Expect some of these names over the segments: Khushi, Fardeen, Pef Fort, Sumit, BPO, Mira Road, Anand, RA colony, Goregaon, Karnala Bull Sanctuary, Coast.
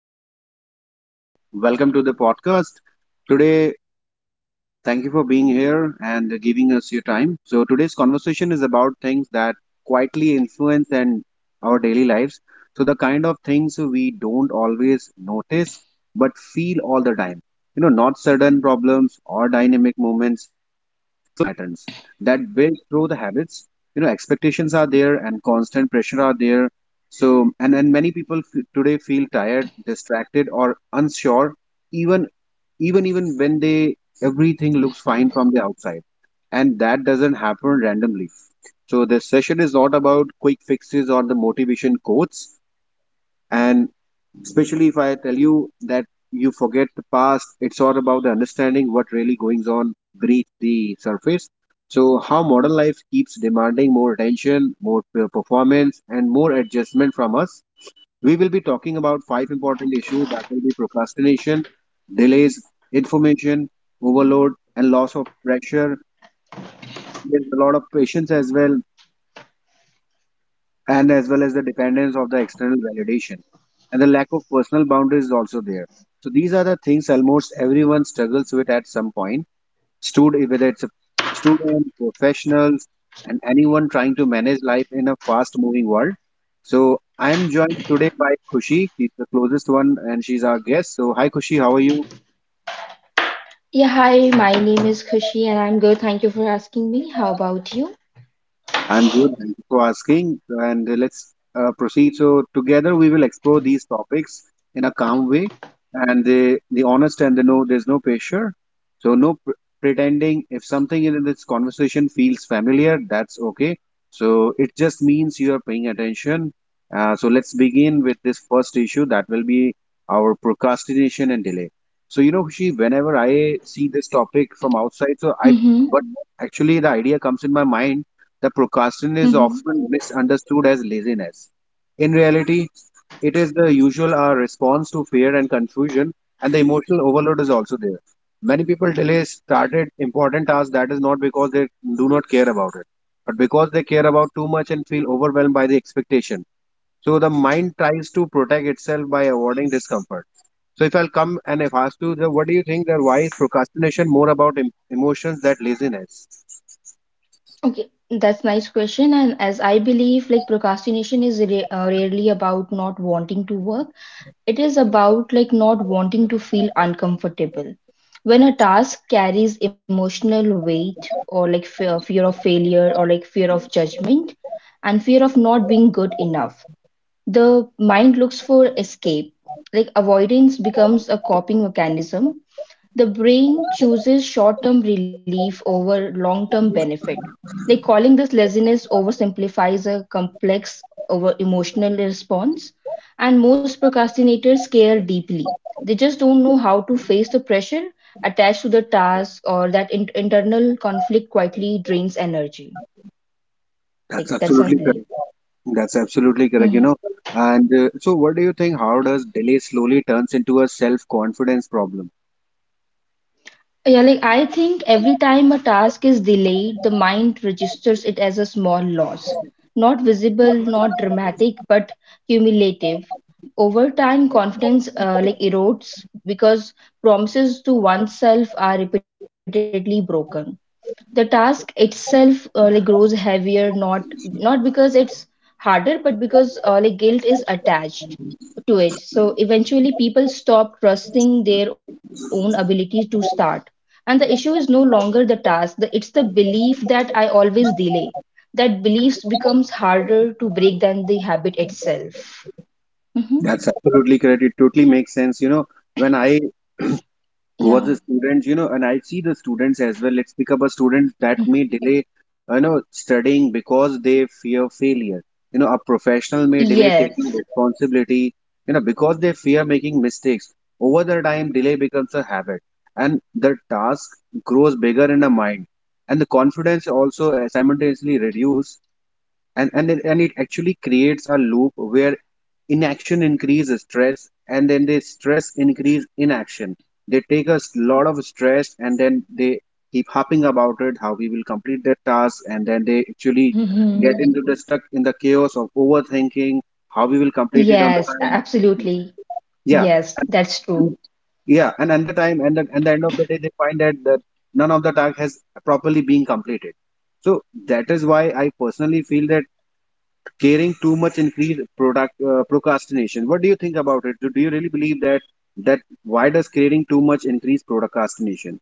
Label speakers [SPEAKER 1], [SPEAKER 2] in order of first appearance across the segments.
[SPEAKER 1] is Fardeen, and welcome to the podcast. Today, thank you for being here and giving us your time. So today's conversation is about things that quietly influence and our daily lives. So the kind of things we don't always notice but feel all the time. You know, not sudden problems or dynamic moments, but slow patterns that build through the habits. You know, expectations are there and constant pressure are there. So, and many people today feel tired, distracted, or unsure, even even when they everything looks fine from the outside. And that doesn't happen randomly. So this session is not about quick fixes or the motivation quotes. And especially if I tell you that you forget the past, it's all about the understanding what really goes on beneath the surface. So how modern life keeps demanding more attention, more performance, and more adjustment from us. We will be talking about five important issues that will be procrastination, delays, information, overload, and loss of pressure. There's a lot of patience as well, and as well as the dependence of the external validation. And the lack of personal boundaries is also there. So these are the things almost everyone struggles with at some point. Student, whether it's a student, professionals, and anyone trying to manage life in a fast-moving world. So I'm joined today by Khushi. She's the closest one, and she's our guest. So hi, Khushi, how are you?
[SPEAKER 2] Yeah, hi, my name is Khushi and I'm good. Thank you for asking me. How about you?
[SPEAKER 1] I'm good. Thank you for asking. And let's proceed. So, together we will explore these topics in a calm way and the honest and the no, there's no pressure. So, no pretending. If something in this conversation feels familiar, that's okay. So, it just means you are paying attention. So, let's begin with this first issue that will be our procrastination and delay. So, you know, Kushi, whenever I see this topic from outside,
[SPEAKER 2] Mm-hmm.
[SPEAKER 1] but actually the idea comes in my mind. The procrastination is
[SPEAKER 2] Mm-hmm.
[SPEAKER 1] often misunderstood as laziness. In reality, it is the usual our response to fear and confusion, and the emotional overload is also there. Many people delay started important tasks that is not because they do not care about it, but because they care about too much and feel overwhelmed by the expectation. So the mind tries to protect itself by avoiding discomfort. So if I'll come and if ask you, that what do you think that why is procrastination more about emotions than laziness?
[SPEAKER 2] Okay, that's nice question. And as I believe, like procrastination is ra rarely about not wanting to work. It is about like not wanting to feel uncomfortable. When a task carries emotional weight or like fear, fear of failure or like fear of judgment and fear of not being good enough, the mind looks for escape. Like avoidance becomes a coping mechanism. The brain chooses short-term relief over long-term benefit. Like calling this laziness oversimplifies a complex over emotional response. And most procrastinators care deeply. They just don't know how to face the pressure attached to the task or that internal conflict quietly drains energy.
[SPEAKER 1] That's
[SPEAKER 2] Like that's I
[SPEAKER 1] absolutely
[SPEAKER 2] believe.
[SPEAKER 1] correct. That's absolutely correct, you
[SPEAKER 2] Mm-hmm.
[SPEAKER 1] know. And so, what do you think? How does delay slowly turns into a self-confidence problem?
[SPEAKER 2] Yeah, like I think every time a task is delayed, the mind registers it as a small loss. Not visible, not dramatic, but cumulative. Over time, confidence like erodes because promises to oneself are repeatedly broken. The task itself, like grows heavier, not because it's harder, but because like guilt is attached to it. So eventually, people stop trusting their own ability to start. And the issue is no longer the task; the, it's the belief that I always delay. That beliefs becomes harder to break than the habit itself. Hmm.
[SPEAKER 1] That's absolutely correct. It totally makes sense, you know. When I was a
[SPEAKER 2] Yeah.
[SPEAKER 1] student, you know, and I see the students as well. Let's pick up a student that may delay, you know, studying because they fear failure. You know, a professional may delay taking
[SPEAKER 2] Yes.
[SPEAKER 1] responsibility, you know, because they fear making mistakes. Over the time, delay becomes a habit, and the task grows bigger in the mind, and the confidence also simultaneously reduces, and it actually creates a loop where inaction increases stress, and then they stress increase inaction. They take a lot of stress, and then they keep harping about it, how we will complete their task, and then they actually get
[SPEAKER 2] Mm-hmm.
[SPEAKER 1] into the stuck in the chaos of overthinking how we will complete it on the
[SPEAKER 2] Yes,
[SPEAKER 1] time.
[SPEAKER 2] absolutely.
[SPEAKER 1] Yeah, and
[SPEAKER 2] Yes, that's
[SPEAKER 1] and-
[SPEAKER 2] true.
[SPEAKER 1] yeah, and at the time, and at the end of the day they find that, none of the task has properly been completed. So that is why I personally feel that caring too much increase product procrastination. What do you think about it? Do, you really believe that, that why does caring too much increase procrastination?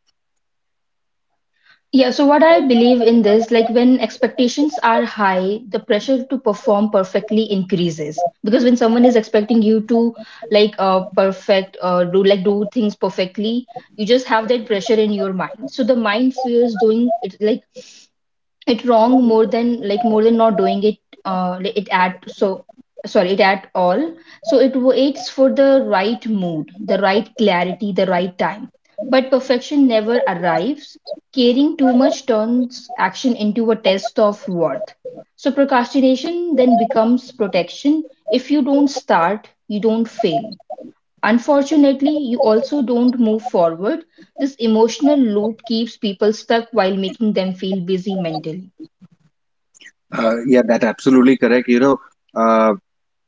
[SPEAKER 2] Yeah, so what I believe in this, like when expectations are high, the pressure to perform perfectly increases. Because when someone is expecting you to perfect do like do things perfectly, you just have that pressure in your mind. So the mind fears doing it like it wrong more than like more than not doing it like it at so sorry it at all. So it waits for the right mood, the right clarity, the right time, but perfection never arrives. Caring too much turns action into a test of worth, so procrastination then becomes protection. If you don't start, you don't fail. Unfortunately, you also don't move forward. This emotional loop keeps people stuck while making them feel busy mentally.
[SPEAKER 1] yeah, that absolutely correct, you know. uh,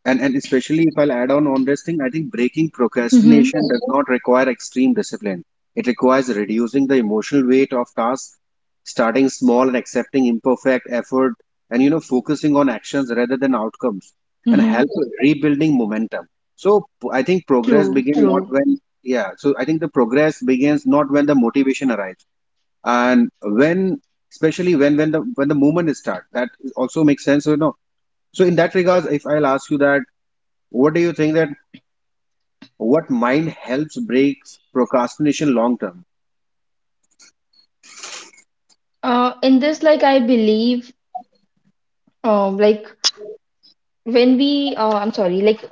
[SPEAKER 1] and especially if I'll add on this thing, I think breaking
[SPEAKER 2] Mm-hmm.
[SPEAKER 1] procrastination does not require extreme discipline. It requires reducing the emotional weight of tasks, starting small and accepting imperfect effort, and you know focusing on actions rather than outcomes, and
[SPEAKER 2] Mm-hmm.
[SPEAKER 1] help rebuilding momentum. So I think progress
[SPEAKER 2] True,
[SPEAKER 1] begins not
[SPEAKER 2] true.
[SPEAKER 1] when. Yeah. So I think the progress begins not when the motivation arrives, and when especially when the movement is start. That also makes sense. So you know. So in that regards, if I'll ask you that what do you think that what mind helps breaks procrastination long term?
[SPEAKER 2] In this, like, I believe, like, when we, I'm sorry, like,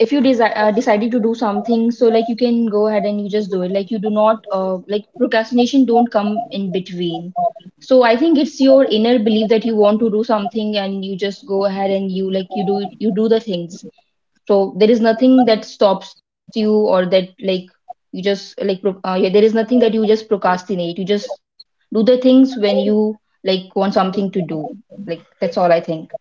[SPEAKER 2] if you desi decided to do something, so, like, you can go ahead and you just do it. Like, you do not, like, procrastination don't come in between. So, I think it's your inner belief that you want to do something and you just go ahead and you, like, you do the things. So there is nothing that stops you or that like you just like yeah, there is nothing that you just procrastinate. You just do the things when you like want something to do. Like that's all I think.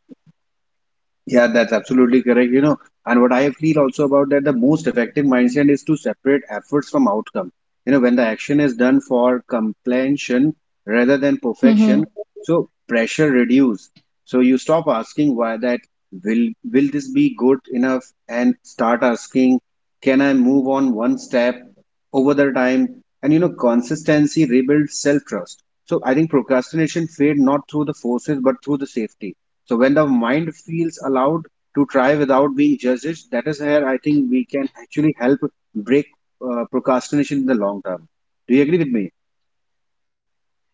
[SPEAKER 1] Yeah, that's absolutely correct. You know, and what I feel also about that, the most effective mindset is to separate efforts from outcome. You know, when the action is done for completion rather than perfection, so pressure reduce. So you stop asking why that will this be good enough, and start asking, can I move on one step over the time? And you know, consistency rebuilds self-trust. So I think procrastination fade not through the forces but through the safety. So when the mind feels allowed to try without being judged, that is where I think we can actually help break procrastination in the long term. Do you agree with me?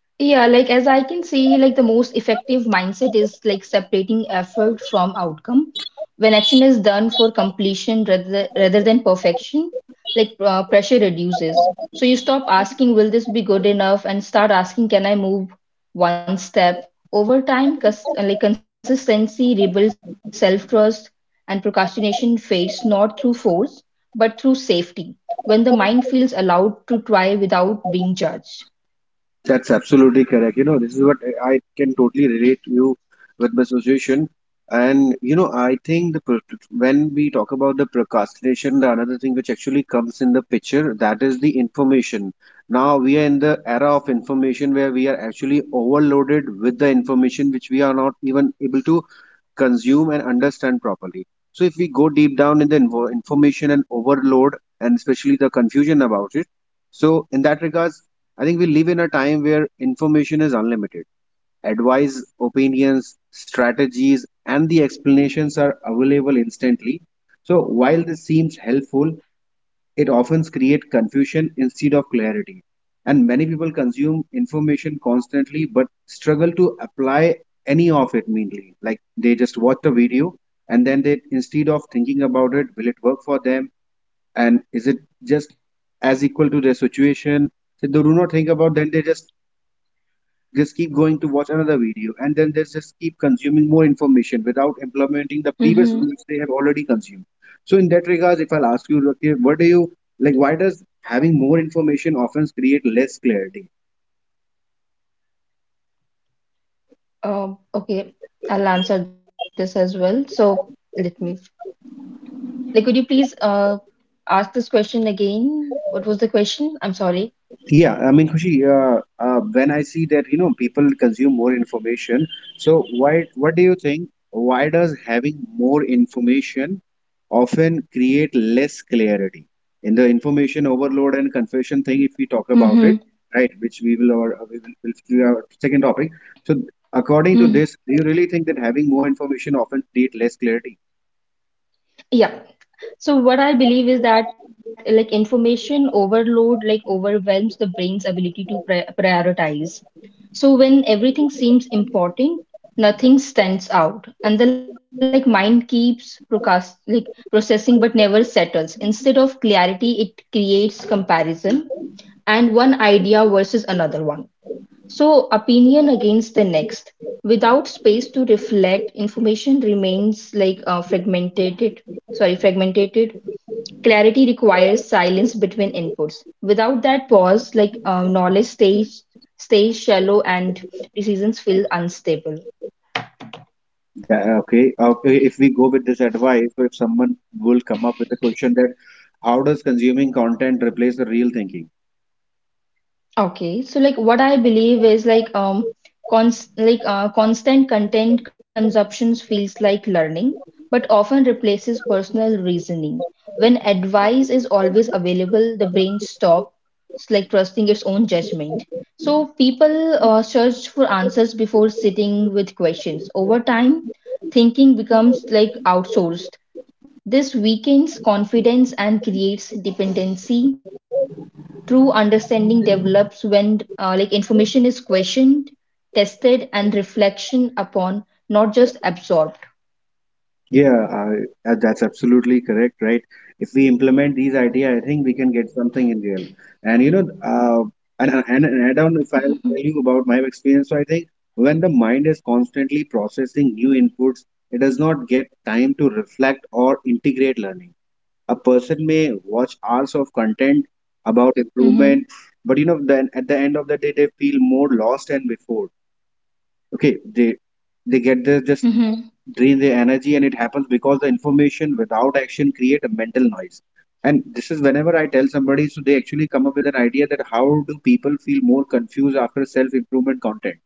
[SPEAKER 2] Yeah, like as I can see, like the most effective mindset is like separating effort from outcome. When action is done for completion rather than perfection, pressure reduces. So you stop asking, will this be good enough? And start asking, can I move one step? Over time, like consistency rebuilds self-trust, and procrastination fades not through force, but through safety. When the mind feels allowed to try without being judged.
[SPEAKER 1] That's absolutely correct. You know, this is what I can totally relate to you with my situation. And you know, I think when we talk about the procrastination, the another thing which actually comes in the picture, that is the information. Now we are in the era of information where we are actually overloaded with the information which we are not even able to consume and understand properly. So if we go deep down in the information and overload, and especially the confusion about it, so in that regard, I think we live in a time where information is unlimited. Advice, opinions, strategies, and the explanations are available instantly. So, while this seems helpful, it often creates confusion instead of clarity. And many people consume information constantly but struggle to apply any of it mainly. Like they just watch a video, and then they, instead of thinking about it, will it work for them? And is it just as equal to their situation? So they do not think about, then they just keep going to watch another video, and then they just keep consuming more information without implementing the previous one which they have already consumed. So in that regard, if I'll ask you, okay, what do you like, why does having more information often create less clarity?
[SPEAKER 2] Okay, I'll answer this as well. So let me, like, could you please ask this question again? What was the question? I'm sorry.
[SPEAKER 1] Yeah, I mean, Khushi, when I see that, you know, people consume more information, so why, what do you think? Why does having more information often create less clarity? In the information overload and confusion thing, if we talk about
[SPEAKER 2] Mm-hmm.
[SPEAKER 1] it, right, which we will, or we will do our second topic. So, according to this, do you really think that having more information often create less clarity?
[SPEAKER 2] Yeah. So what I believe is that like information overload like overwhelms the brain's ability to prioritize. So when everything seems important, nothing stands out, and the like mind keeps procrast like processing but never settles. Instead of clarity, it creates comparison and one idea versus another one. So opinion against the next, without space to reflect, information remains fragmented. Sorry, fragmented. Clarity requires silence between inputs. Without that pause, knowledge stays shallow and decisions feel unstable.
[SPEAKER 1] Okay, if we go with this advice, so if someone will come up with a question that how does consuming content replace the real thinking?
[SPEAKER 2] Okay, so like what I believe is like constant content consumptions feels like learning, but often replaces personal reasoning. When advice is always available, the brain stops like trusting its own judgment. So people search for answers before sitting with questions. Over time, thinking becomes like outsourced. This weakens confidence and creates dependency. True understanding develops when like information is questioned, tested, and reflection upon, not just absorbed.
[SPEAKER 1] Yeah, that's absolutely correct, right? If we implement these ideas, I think we can get something in real. And you know, and add on, if I'll tell you about my experience, so I think when the mind is constantly processing new inputs, it does not get time to reflect or integrate learning. A person may watch hours of content about
[SPEAKER 2] Mm-hmm.
[SPEAKER 1] improvement, but you know then at the end of the day they feel more lost than before. Okay, they get their just
[SPEAKER 2] Mm-hmm.
[SPEAKER 1] drain their energy, and it happens because the information without action create a mental noise. And this is, whenever I tell somebody, so they actually come up with an idea that how do people feel more confused after self improvement content?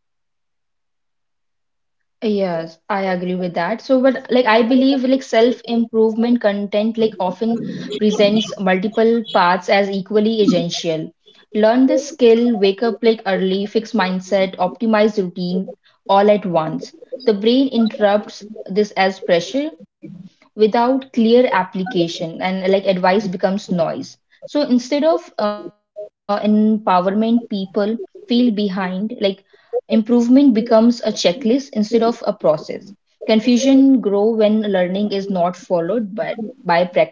[SPEAKER 2] Yes, I agree with that. So, but like I believe like self-improvement content like often presents multiple paths as equally essential. Learn the skill, wake up like early, fix mindset, optimize routine all at once. The brain interrupts this as pressure without clear application, and like advice becomes noise. So instead of empowerment, people feel behind like improvement becomes a checklist instead of a process. Confusion grow when learning is not followed by practice.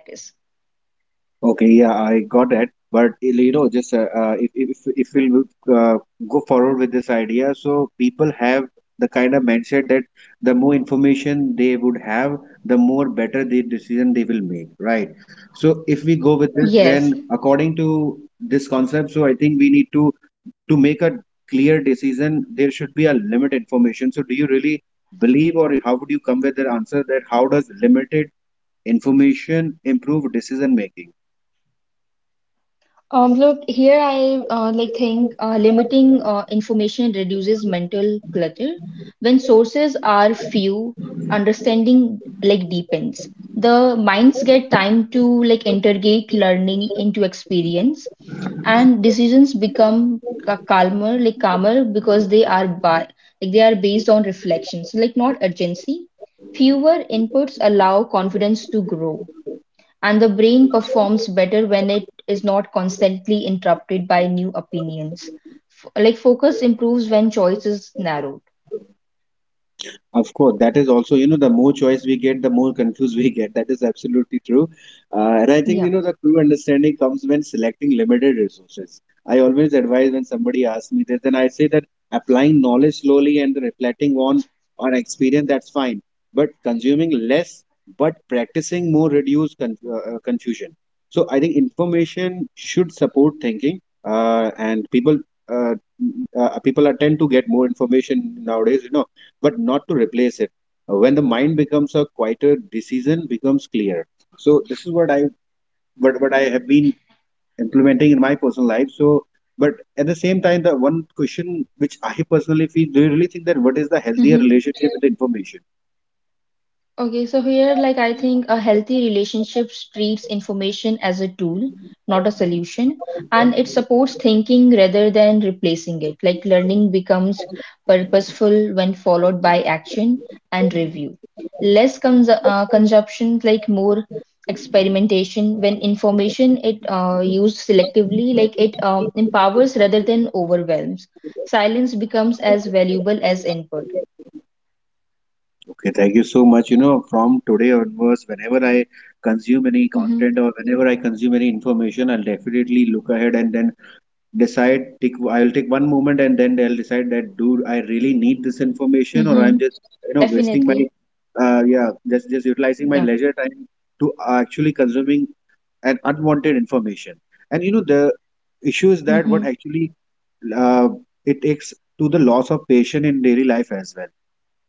[SPEAKER 1] Okay, yeah, I got that. But you know, just if we'll uh, go forward with this idea, so people have the kind of mindset that the more information they would have, the more better the decision they will make, right? So if we go with this,
[SPEAKER 2] Yes.
[SPEAKER 1] then according to this concept, so I think we need to make a clear decision. There should be a limit information. So do you really believe, or how would you come with the answer that how does limited information improve decision making?
[SPEAKER 2] Look, here I like think limiting information reduces mental clutter. When sources are few, understanding like deepens. The minds get time to like integrate learning into experience, and decisions become calmer, like calmer because they are by like they are based on reflection, so like not urgency. Fewer inputs allow confidence to grow. And the brain performs better when it is not constantly interrupted by new opinions. Like focus improves when choice is narrowed.
[SPEAKER 1] Of course, that is also, you know, the more choice we get, the more confused we get. That is absolutely true. And I think, you know,
[SPEAKER 2] Yeah.
[SPEAKER 1] the true understanding comes when selecting limited resources. I always advise, when somebody asks me this, then I say that applying knowledge slowly and reflecting on experience, that's fine. But consuming less, but practicing more reduce confusion. So I think information should support thinking, and people uh, people are tend to get more information nowadays, you know, but not to replace it. When the mind becomes a quieter, decision becomes clear. So this is what what I have been implementing in my personal life. So, but at the same time, the one question which I personally feel, do you really think that what is the healthier relationship with information?
[SPEAKER 2] Okay, so here, like I think a healthy relationship treats information as a tool, not a solution, and it supports thinking rather than replacing it. Like learning becomes purposeful when followed by action and review. Less consumption, like more experimentation. When information it used selectively, like it empowers rather than overwhelms. Silence becomes as valuable as input.
[SPEAKER 1] Okay, thank you so much. You know, from today onwards, whenever I consume any
[SPEAKER 2] Hmm.
[SPEAKER 1] content or whenever I consume any information, I'll definitely look ahead and then decide take I'll take one moment and then they'll decide that dude, I really need this information, or
[SPEAKER 2] Hmm.
[SPEAKER 1] I'm just, you know, wasting my,
[SPEAKER 2] Definitely.
[SPEAKER 1] yeah, just utilizing my
[SPEAKER 2] Yeah.
[SPEAKER 1] leisure time to actually consuming an unwanted information. And you know the issue is that what
[SPEAKER 2] Mhm.
[SPEAKER 1] actually, uh, it takes to the loss of patience in daily life as well.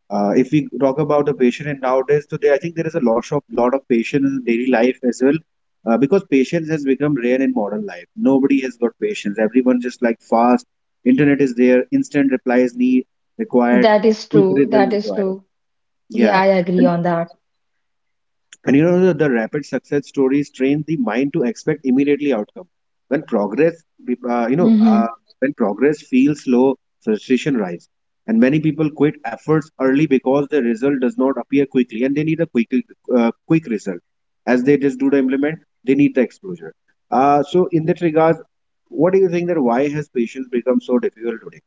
[SPEAKER 1] If we talk about the patient in nowadays today, I think there is a lot of patience in daily life as well, because patience has become rare in modern life. Nobody has got patience. Everyone just like fast. Internet is there. Instant replies need required.
[SPEAKER 2] That is
[SPEAKER 1] Quick
[SPEAKER 2] true.
[SPEAKER 1] result
[SPEAKER 2] That is
[SPEAKER 1] required.
[SPEAKER 2] true. Yeah,
[SPEAKER 1] Yeah,
[SPEAKER 2] I agree on that.
[SPEAKER 1] and you know, the rapid success stories train the mind to expect immediately outcome. When progress, uh, you know, uh,
[SPEAKER 2] Mhm.
[SPEAKER 1] when progress feels slow, frustration rise. And many people quit efforts early because the result does not appear quickly, and they need a quick result. As they just do the implement, they need the exposure. So, in that regard, what do you think that why has patience become so difficult today?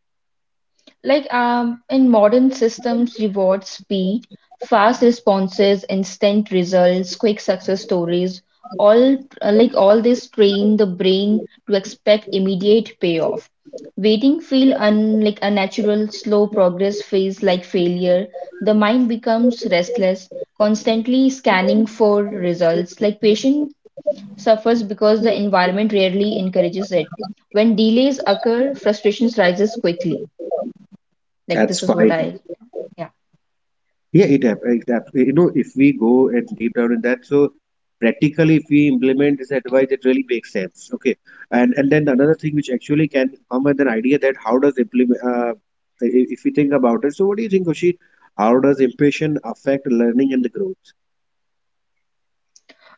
[SPEAKER 2] Like in modern systems, reward speed, fast responses, instant results, quick success stories, all like all this train the brain to expect immediate payoff. Waiting feel un like unnatural, slow progress feels like failure. The mind becomes restless, constantly scanning for results. Like patient suffers because the environment rarely encourages it. When delays occur, frustrations rises quickly. Like
[SPEAKER 1] That's
[SPEAKER 2] this is what
[SPEAKER 1] fine.
[SPEAKER 2] I.
[SPEAKER 1] Yeah, you know, if we go and deep down in that, so practically, if we implement this advice, it really makes sense. Okay, and then another thing which actually can come with an idea that how does implement? If we think about it, so what do you think, Oshi? How does impatient affect learning and the growth?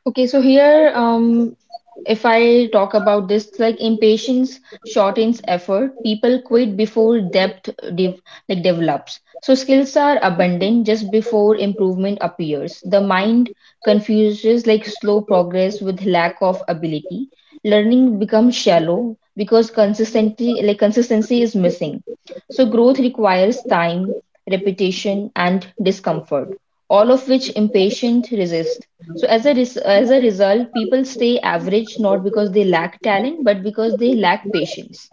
[SPEAKER 2] Okay, if I talk about this, like impatience shortens effort. People quit before depth dev like develops. So skills are abundant just before improvement appears. The mind confuses like slow progress with lack of ability. Learning becomes shallow because consistency is missing. So growth requires time, repetition, and discomfort, all of which impatient resist. So as a as a result, people stay average not because they lack talent, but because they lack patience.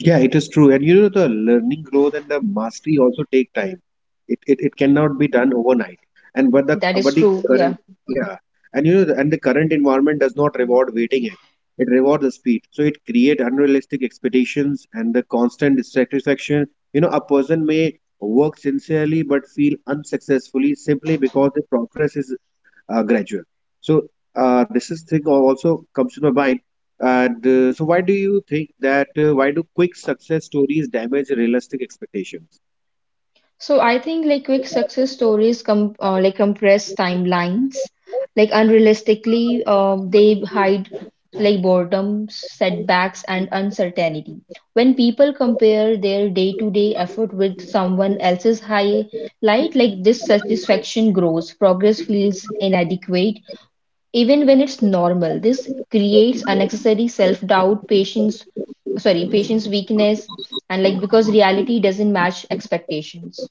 [SPEAKER 1] Yeah, it is true. And you know, the learning growth and the mastery also take time. It cannot be done overnight. And
[SPEAKER 2] That
[SPEAKER 1] but
[SPEAKER 2] is
[SPEAKER 1] the
[SPEAKER 2] true.
[SPEAKER 1] current,
[SPEAKER 2] Yeah.
[SPEAKER 1] yeah, and you know, and the current environment does not reward waiting it. It rewards the speed. So it create unrealistic expectations and the constant dissatisfaction. You know, a person may work sincerely but feel unsuccessfully simply because the progress is, gradual. So, this is thing also comes to my mind. And so why do you think that why do quick success stories damage realistic expectations?
[SPEAKER 2] So I think like quick success stories com like compress timelines, like unrealistically, they hide like boredom, setbacks, and uncertainty. When people compare their day-to-day effort with someone else's highlight, like dissatisfaction grows, progress feels inadequate. Even when it's normal, this creates unnecessary self-doubt, patience, sorry, patience weakness, and like because reality doesn't match expectations.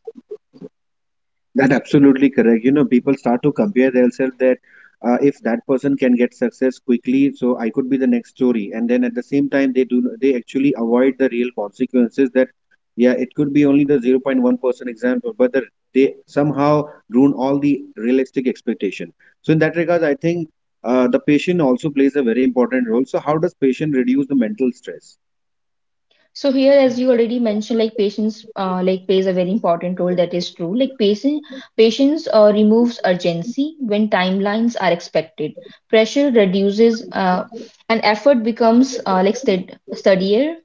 [SPEAKER 1] That absolutely correct. You know, people start to compare themselves that, if that person can get success quickly, so I could be the next story. And then at the same time, they actually avoid the real consequences that, yeah, it could be only the 0.1% example, but the, they somehow ruin all the realistic expectation. So in that regard, I think the patient also plays a very important role. So how does patient reduce the mental stress?
[SPEAKER 2] So here, as you already mentioned, like patience, like plays a very important role. That is true. Like patience removes urgency when timelines are expected. Pressure reduces, and effort becomes like steadier.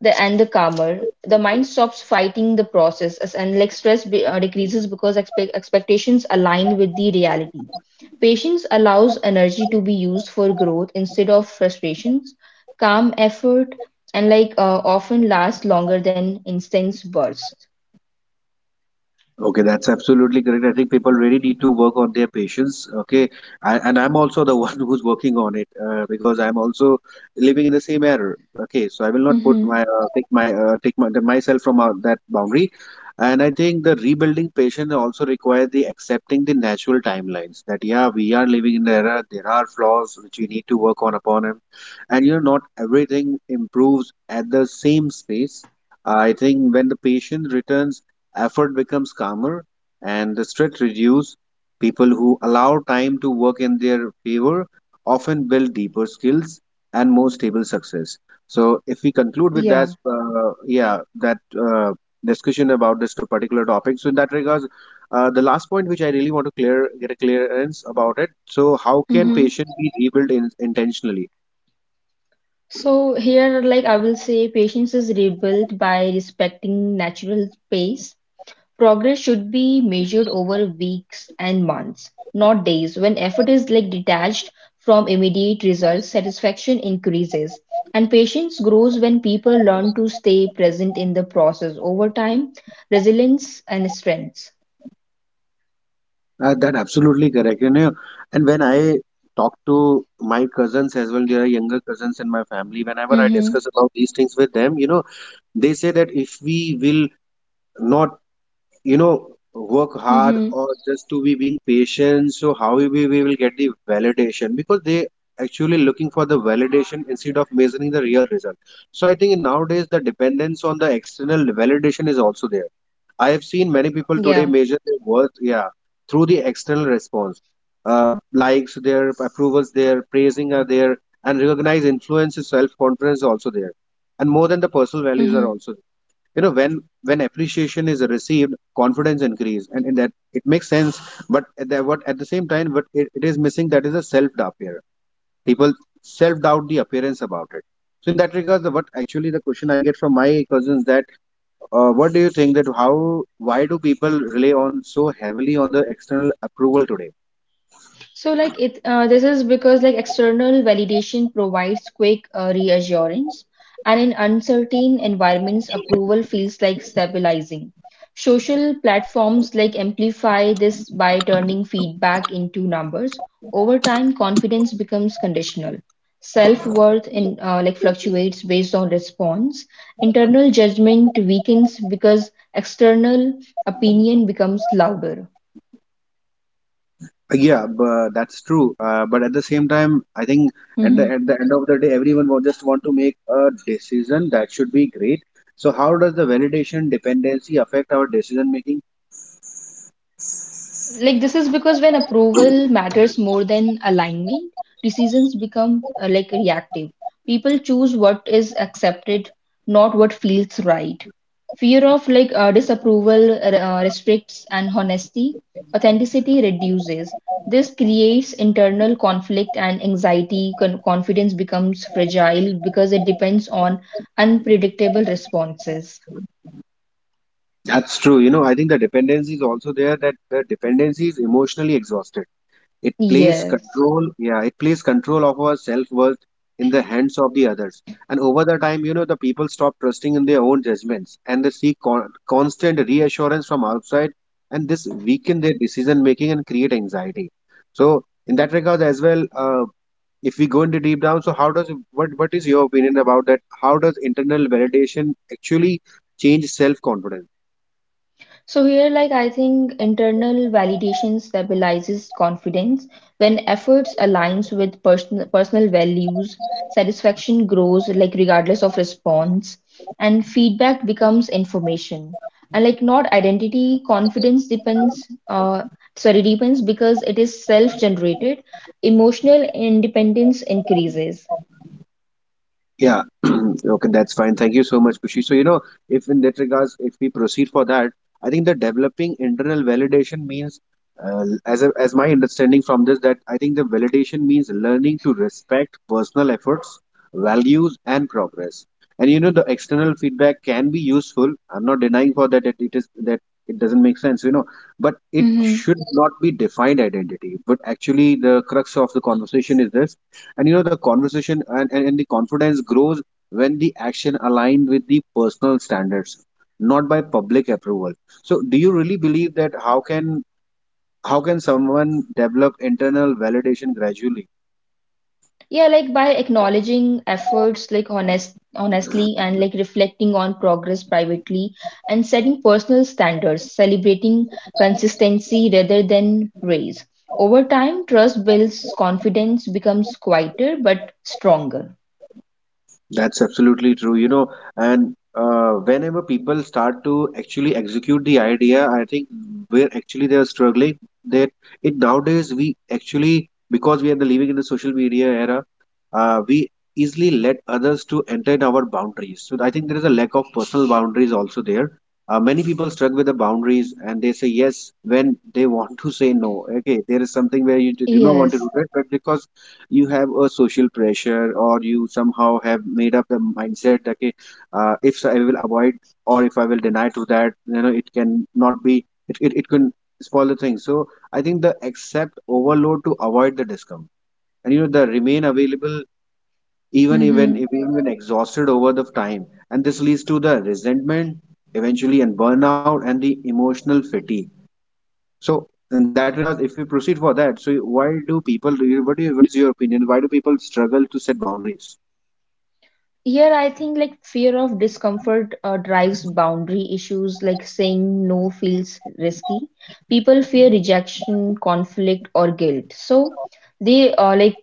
[SPEAKER 2] The and the calmer. The mind stops fighting the process, as and like stress decreases because expectations align with the reality. Patience allows energy to be used for growth instead of frustrations. Calm effort and often lasts longer than intense bursts.
[SPEAKER 1] Okay, that's absolutely correct. I think people really need to work on their patience. Okay, I, and I'm also the one who's working on it, because I'm also living in the same error. Okay, so I will not put
[SPEAKER 2] Mm-hmm.
[SPEAKER 1] my myself from out that boundary. And I think the rebuilding patience also requires the accepting the natural timelines, that yeah, we are living in the era. There are flaws which we need to work on upon, and you know, not everything improves at the same pace. I think when the patient returns, effort becomes calmer and the stress reduces. People who allow time to work in their favor often build deeper skills and more stable success. So if we conclude with that,
[SPEAKER 2] Yeah.
[SPEAKER 1] yeah, that discussion about this particular topic, so in that regards, the last point which I really want to clear get a clearance about it, so how can
[SPEAKER 2] Mm-hmm.
[SPEAKER 1] patient be rebuilt intentionally?
[SPEAKER 2] So here, like I will say, patience is rebuilt by respecting natural pace. Progress should be measured over weeks and months, not days. When effort is like detached from immediate results, satisfaction increases. And patience grows when people learn to stay present in the process. Over time, resilience and strength.
[SPEAKER 1] That absolutely correct. You know, and when I talk to my cousins as well, there are younger cousins in my family. Whenever I
[SPEAKER 2] Mm-hmm.
[SPEAKER 1] discuss about these things with them, you know, they say that if we will not, you know, work hard
[SPEAKER 2] Mm-hmm.
[SPEAKER 1] or just to be being patient, so how we will get the validation, because they actually looking for the validation instead of measuring the real result. So I think nowadays the dependence on the external validation is also there. I have seen many people today
[SPEAKER 2] Yeah.
[SPEAKER 1] measure their worth, yeah, through the external response, likes, their approvals, their praising are there, and recognize influence, self confidence also there, and more than the personal values are
[SPEAKER 2] Mm-hmm.
[SPEAKER 1] also there. You know, when appreciation is received, confidence increase, and in that it makes sense. But at the, what at the same time, what it is missing, that is a self doubt here. People self doubt the appearance about it. So in that regard, the, what actually the question I get from my cousins that, what do you think that how why do people rely on so heavily on the external approval today?
[SPEAKER 2] So like it this is because like external validation provides quick reassurance, and in uncertain environments approval feels like stabilizing. Social platforms like amplify this by turning feedback into numbers. Over time confidence becomes conditional. Self-worth in like fluctuates based on response. Internal judgment weakens because external opinion becomes louder.
[SPEAKER 1] Yeah, but that's true. But at the same time, I think
[SPEAKER 2] Mm-hmm.
[SPEAKER 1] at the end of the day, everyone will just want to make a decision that should be great. So how does the validation dependency affect our decision making?
[SPEAKER 2] Like this is because when approval matters more than alignment, decisions become like reactive. People choose what is accepted, not what feels right. Fear of disapproval restricts and honesty, authenticity reduces. This creates internal conflict and anxiety. Confidence becomes fragile because it depends on unpredictable responses.
[SPEAKER 1] That's true. You know, I think the dependency is also there, that the dependency is emotionally exhausted. It plays
[SPEAKER 2] Yes.
[SPEAKER 1] control, yeah, it plays control of our self-worth in the hands of the others. And over the time, you know, the people stop trusting in their own judgments and they seek constant reassurance from outside, and this weaken their decision making and create anxiety. So, in that regard as well, if we go into deep down, so how does what is your opinion about that? How does internal validation actually change self-confidence?
[SPEAKER 2] So here, like I think internal validation stabilizes confidence. When efforts aligns with personal values, satisfaction grows like regardless of response, and feedback becomes information. And like not identity, confidence depends because it is self-generated. Emotional independence increases.
[SPEAKER 1] Yeah, okay, that's fine. Thank you so much, Kushi. So, you know, if in that regards, if we proceed for that, I think the developing internal validation means, as a, as my understanding from this, that I think the validation means learning to respect personal efforts, values, and progress. And you know, the external feedback can be useful. I'm not denying for that, it is that it doesn't make sense, you know, but it should not be defined identity. But actually, the crux of the conversation is this. And you know, the conversation and, and the confidence grows when the action aligned with the personal standards, not by public approval. So do you really believe that how can someone develop internal validation gradually?
[SPEAKER 2] Yeah, like by acknowledging efforts like honestly and like reflecting on progress privately and setting personal standards, celebrating consistency rather than praise. Over time, trust builds, confidence becomes quieter but stronger.
[SPEAKER 1] That's absolutely true, you know, and whenever people start to actually execute the idea, I think where actually they are struggling, that it nowadays we actually because we are the living in the social media era, we easily let others to enter in our boundaries. So I think there is a lack of personal boundaries also there. Many people struck with the boundaries and they say yes when they want to say no. Okay, there is something where you do not want to do
[SPEAKER 2] Yes.
[SPEAKER 1] that, but because you have a social pressure or you somehow have made up the mindset that okay, if so, I will avoid, or if I will deny to that, you know, it can not be, it can spoil the thing. So I think the accept overload to avoid the discomfort, and, you know, the remain available even even
[SPEAKER 2] Mm-hmm.
[SPEAKER 1] if even exhausted over the time, and this leads to the resentment eventually, and burnout and the emotional fatigue. So in that regard, if we proceed for that, so why do people? What is your opinion? Why do people struggle to set boundaries?
[SPEAKER 2] Here, I think like fear of discomfort drives boundary issues, like saying no feels risky. People fear rejection, conflict, or guilt. So, they like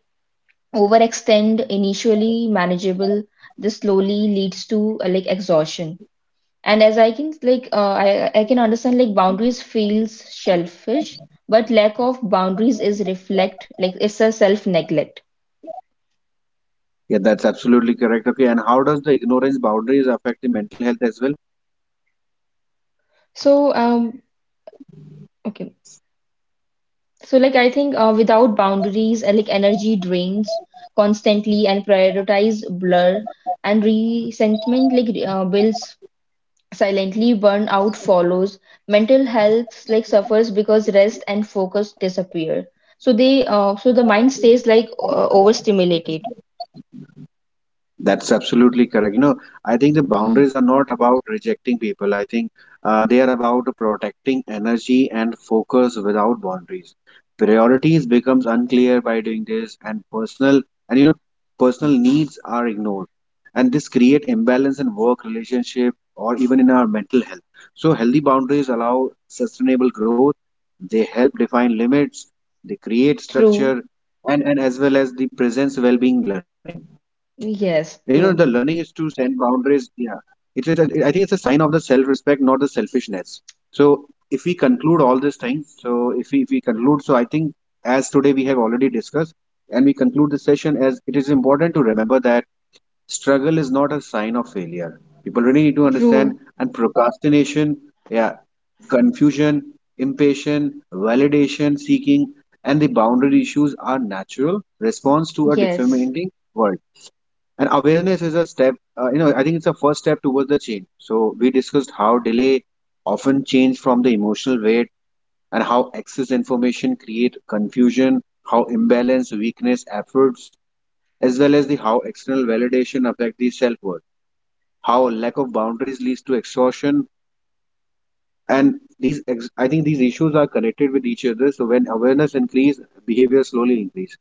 [SPEAKER 2] overextend initially manageable. This slowly leads to like exhaustion, and as I can I can understand like boundaries feels selfish, but lack of boundaries is reflect like it's a self neglect.
[SPEAKER 1] Yeah, that's absolutely correct. Okay, and how does the ignorance boundaries affect the mental health as well?
[SPEAKER 2] So um okay so like I think without boundaries like energy drains constantly and prioritize blur, and resentment builds. Silently, burnout follows. Mental health like suffers because rest and focus disappear. So they so the mind stays overstimulated.
[SPEAKER 1] That's absolutely correct. You know, I think the boundaries
[SPEAKER 2] Mhm.
[SPEAKER 1] are not about rejecting people. I think they are about protecting energy and focus without boundaries. Priorities becomes unclear by doing this, and personal, and you know, personal needs are ignored, and this create imbalance in work relationship or even in our mental health. So healthy boundaries allow sustainable growth. They help define limits. They create
[SPEAKER 2] True.
[SPEAKER 1] structure, and as well as the presence well-being learning. You know, the
[SPEAKER 2] Yes.
[SPEAKER 1] learning is
[SPEAKER 2] True.
[SPEAKER 1] to set boundaries. Yeah, I think it's a sign of the self-respect, not the selfishness. So if we conclude all these things, so if we conclude, so I think as today we have already discussed, and we conclude this session as it is important to remember that struggle is not a sign of failure. People really need to
[SPEAKER 2] True.
[SPEAKER 1] understand and procrastination, yeah, confusion, impatience, validation seeking, and the boundary issues are natural response to a
[SPEAKER 2] Yes.
[SPEAKER 1] defaming world. And awareness is a step, you know, I think it's a first step towards the change. So we discussed how delay often change from the emotional weight, and how excess information create confusion, how imbalance weakness efforts, as well as the how external validation affect the self-worth, how lack of boundaries leads to exhaustion. And I think these issues are connected with each other. So when awareness increase, behavior slowly increase.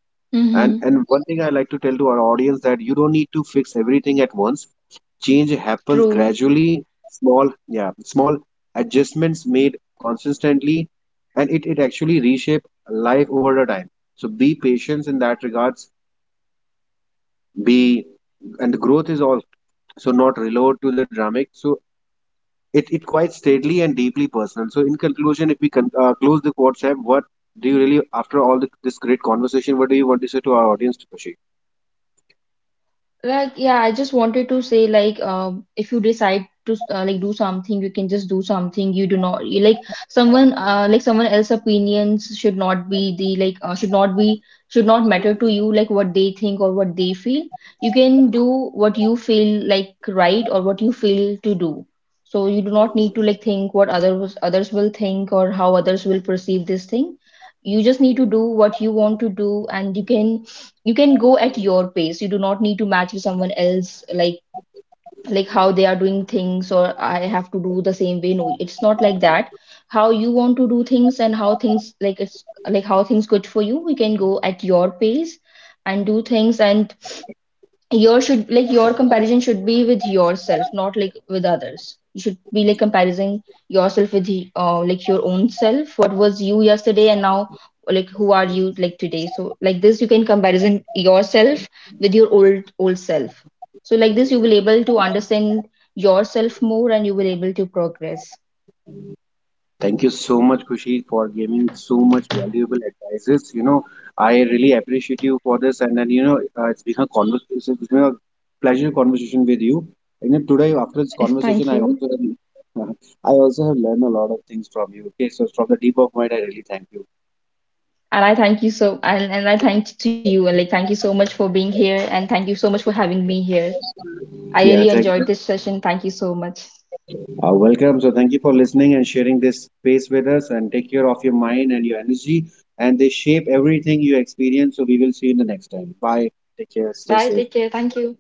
[SPEAKER 1] And
[SPEAKER 2] Mm-hmm.
[SPEAKER 1] one thing I like to tell to our audience that you don't need to fix everything at once. Change happens
[SPEAKER 2] True.
[SPEAKER 1] gradually, small, yeah, small adjustments made consistently, and it actually reshape life over the time. So be patient in that regards. Be, and the growth is also not reload to the dramatic. So it quite steadily and deeply personal. So in conclusion, if we close the WhatsApp, what do you really after all the, this great conversation, what do you want to say to our audience, Khushi?
[SPEAKER 2] Like, yeah, I just wanted to say, like, if you decide to like do something, you can just do something. You do not you, like someone else's opinions should not be the should not be should not matter to you, like what they think or what they feel. You can do what you feel like right or what you feel to do. So you do not need to like think what others will think or how others will perceive this thing. You just need to do what you want to do, and you can go at your pace. You do not need to match with someone else, like how they are doing things, or I have to do the same way. No, it's not like that. How you want to do things and how things like it's like how things good for you, we can go at your pace and do things. And your should like your comparison should be with yourself, not like with others. You should be like comparing yourself with the- like your own self, what was you yesterday and now like who are you like today. So like this you can comparison yourself with your old self. So like this you will able to understand yourself more, and you will able to progress.
[SPEAKER 1] Thank you so much, Kushi, for giving so much valuable advices. You know, I really appreciate you for this, and then you know, it's been a conversation. It's been a pleasure conversation with you. You know, today after this
[SPEAKER 2] Yes,
[SPEAKER 1] conversation,
[SPEAKER 2] thank
[SPEAKER 1] I
[SPEAKER 2] you.
[SPEAKER 1] also have, I also have learned a lot of things from you. Okay, so from the deep of mind, I really thank you.
[SPEAKER 2] And I thank you so and I thank to you and like thank you so much for being here and thank you so much for having me here. I really
[SPEAKER 1] Yeah, thank.
[SPEAKER 2] enjoyed this session. Thank you so much.
[SPEAKER 1] Welcome. So thank you for listening and sharing this space with us, and take care of your mind and your energy, and they shape everything you experience. So we will see you in the next time. Bye. Take care. Stay
[SPEAKER 2] Bye.
[SPEAKER 1] safe.
[SPEAKER 2] Take care. Thank you.